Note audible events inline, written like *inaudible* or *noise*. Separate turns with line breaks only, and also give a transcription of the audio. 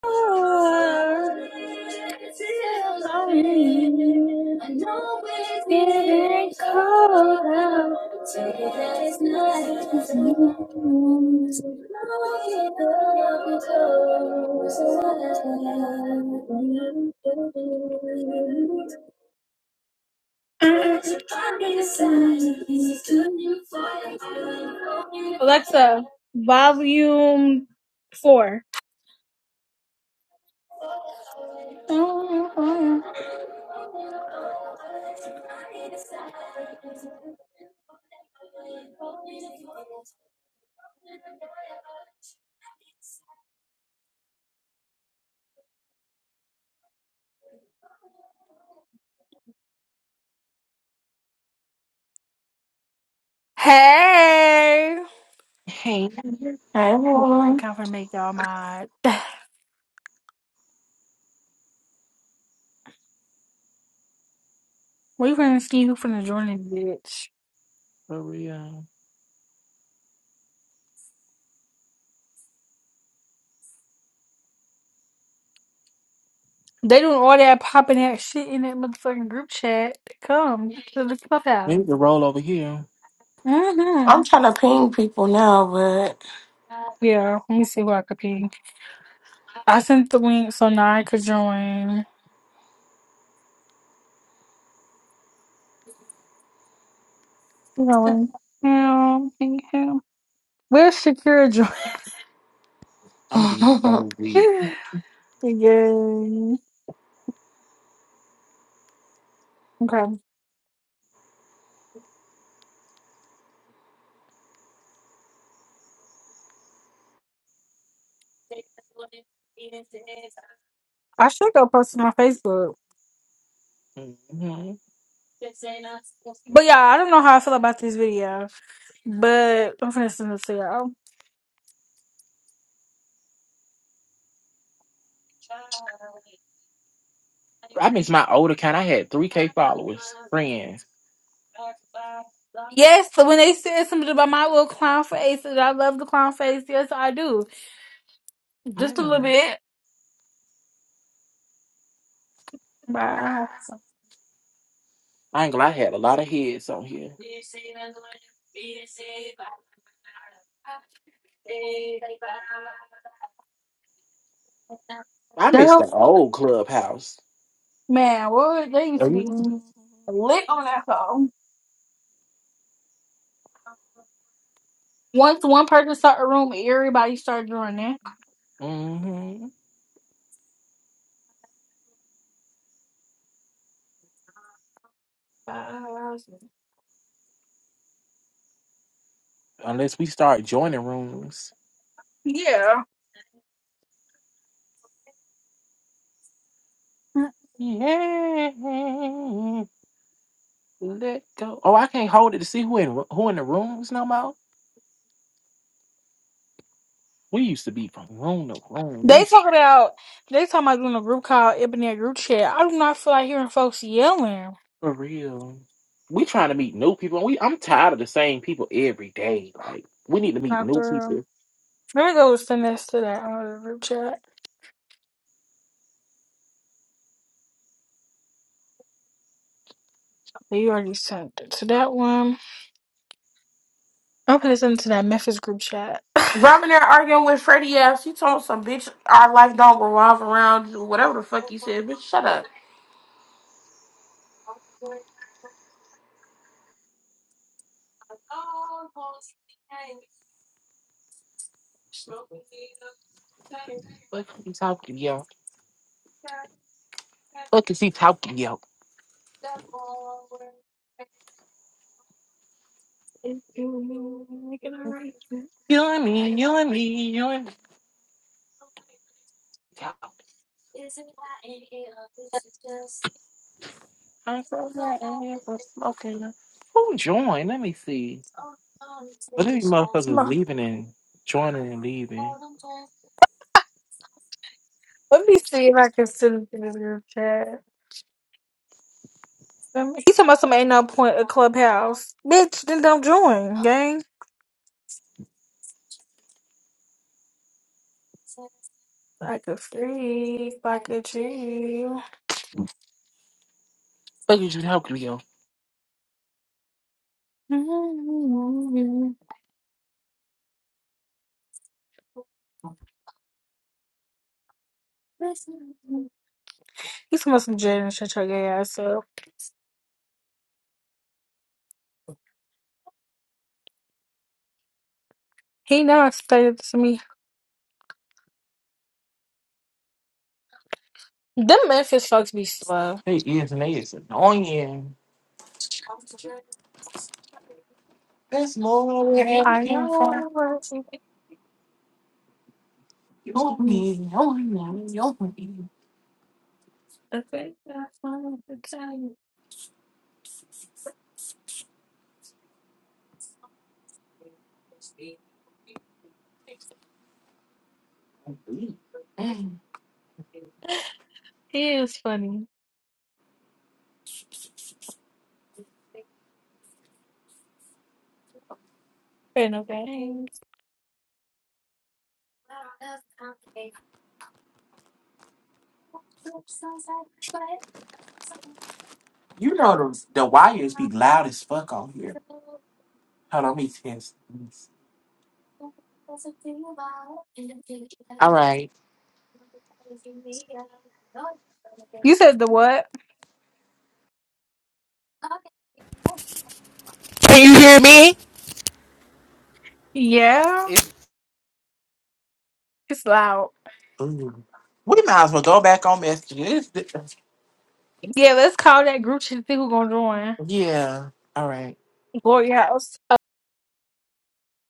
Alexa, volume four. Hey!
Hey,
Hey, everyone.
Okay, I'm finna make y'all mad. *sighs* We finna see who finna join this bitch.
for real.
They doing all that popping that shit in that motherfucking group chat. Come to the
We
clubhouse.
need to roll over here.
Mm-hmm.
I'm trying to ping people now, but
Yeah, let me see who I could ping. I sent the link so now I could join. You know, and him, him. Where's Shakira join?
I'm gonna be
*laughs*
so deep.
*laughs* Yeah. Okay. I should go post it on Facebook.
hmm
But yeah, I don't know how I feel about this video. But I'm finna send it to y'all.
I miss my old account. I had 3K followers, friends.
Yes, So when they said something about my little clown face, and I love the clown face, yes, I do. Just a
Yeah.
little bit. Wow.
I ain't gonna lie, I had a lot of heads on here. I
Girl,
miss the old clubhouse.
man, what they used to be
Mm-hmm.
lit on that phone. Once one person started a room, everybody started doing it. Uh,
Unless we start joining rooms.
Yeah.
Yeah. Let go. Oh, I can't hold it to see who in who in the rooms no more. We used to be from room to room.
They
We
talk about they talking about doing a group called Ebony Group Chat. I do not feel like hearing folks yelling.
For real. We trying to meet new people. and We I'm tired of the same people every day. Like we need to meet new
After um,
people.
maybe go send this to that other group chat. But you already sent it to that one. I'm gonna send it to that Memphis group chat. *laughs* Come
Robin there arguing with Freddie F. She told some bitch our life don't revolve around you," whatever the fuck you said. Bitch, shut up.
What is he talking yo? What is he talking yo? You and me, you and me, you and me. Talk. I'm so glad I ain't was smoking. Who joined? Let me see. What are these motherfuckers
on.
leaving and joining and leaving?
Let me see if I can send it to this group chat. Um, He talking about some ain't no point a clubhouse. Bitch, then don't join, gang. Like a freak, like a G.
What is you talking yo?
*laughs* He's must some Jaden and shut your gay ass up. He now explained it to me. Them Memphis fucks be slow.
They is and they is annoying. That's more where it came from. You and me, you and me, you and me. Mm.
He is funny. Fair no bad.
You know the the wires be loud as fuck on here. Hold on, let me test. this. All right.
You said the what?
Can you hear me?
Yeah.
It's
It's loud.
ooh. we might as well go back on messages. This-
Yeah, let's call that group to see who gonna join.
Yeah. All right.
Glory house.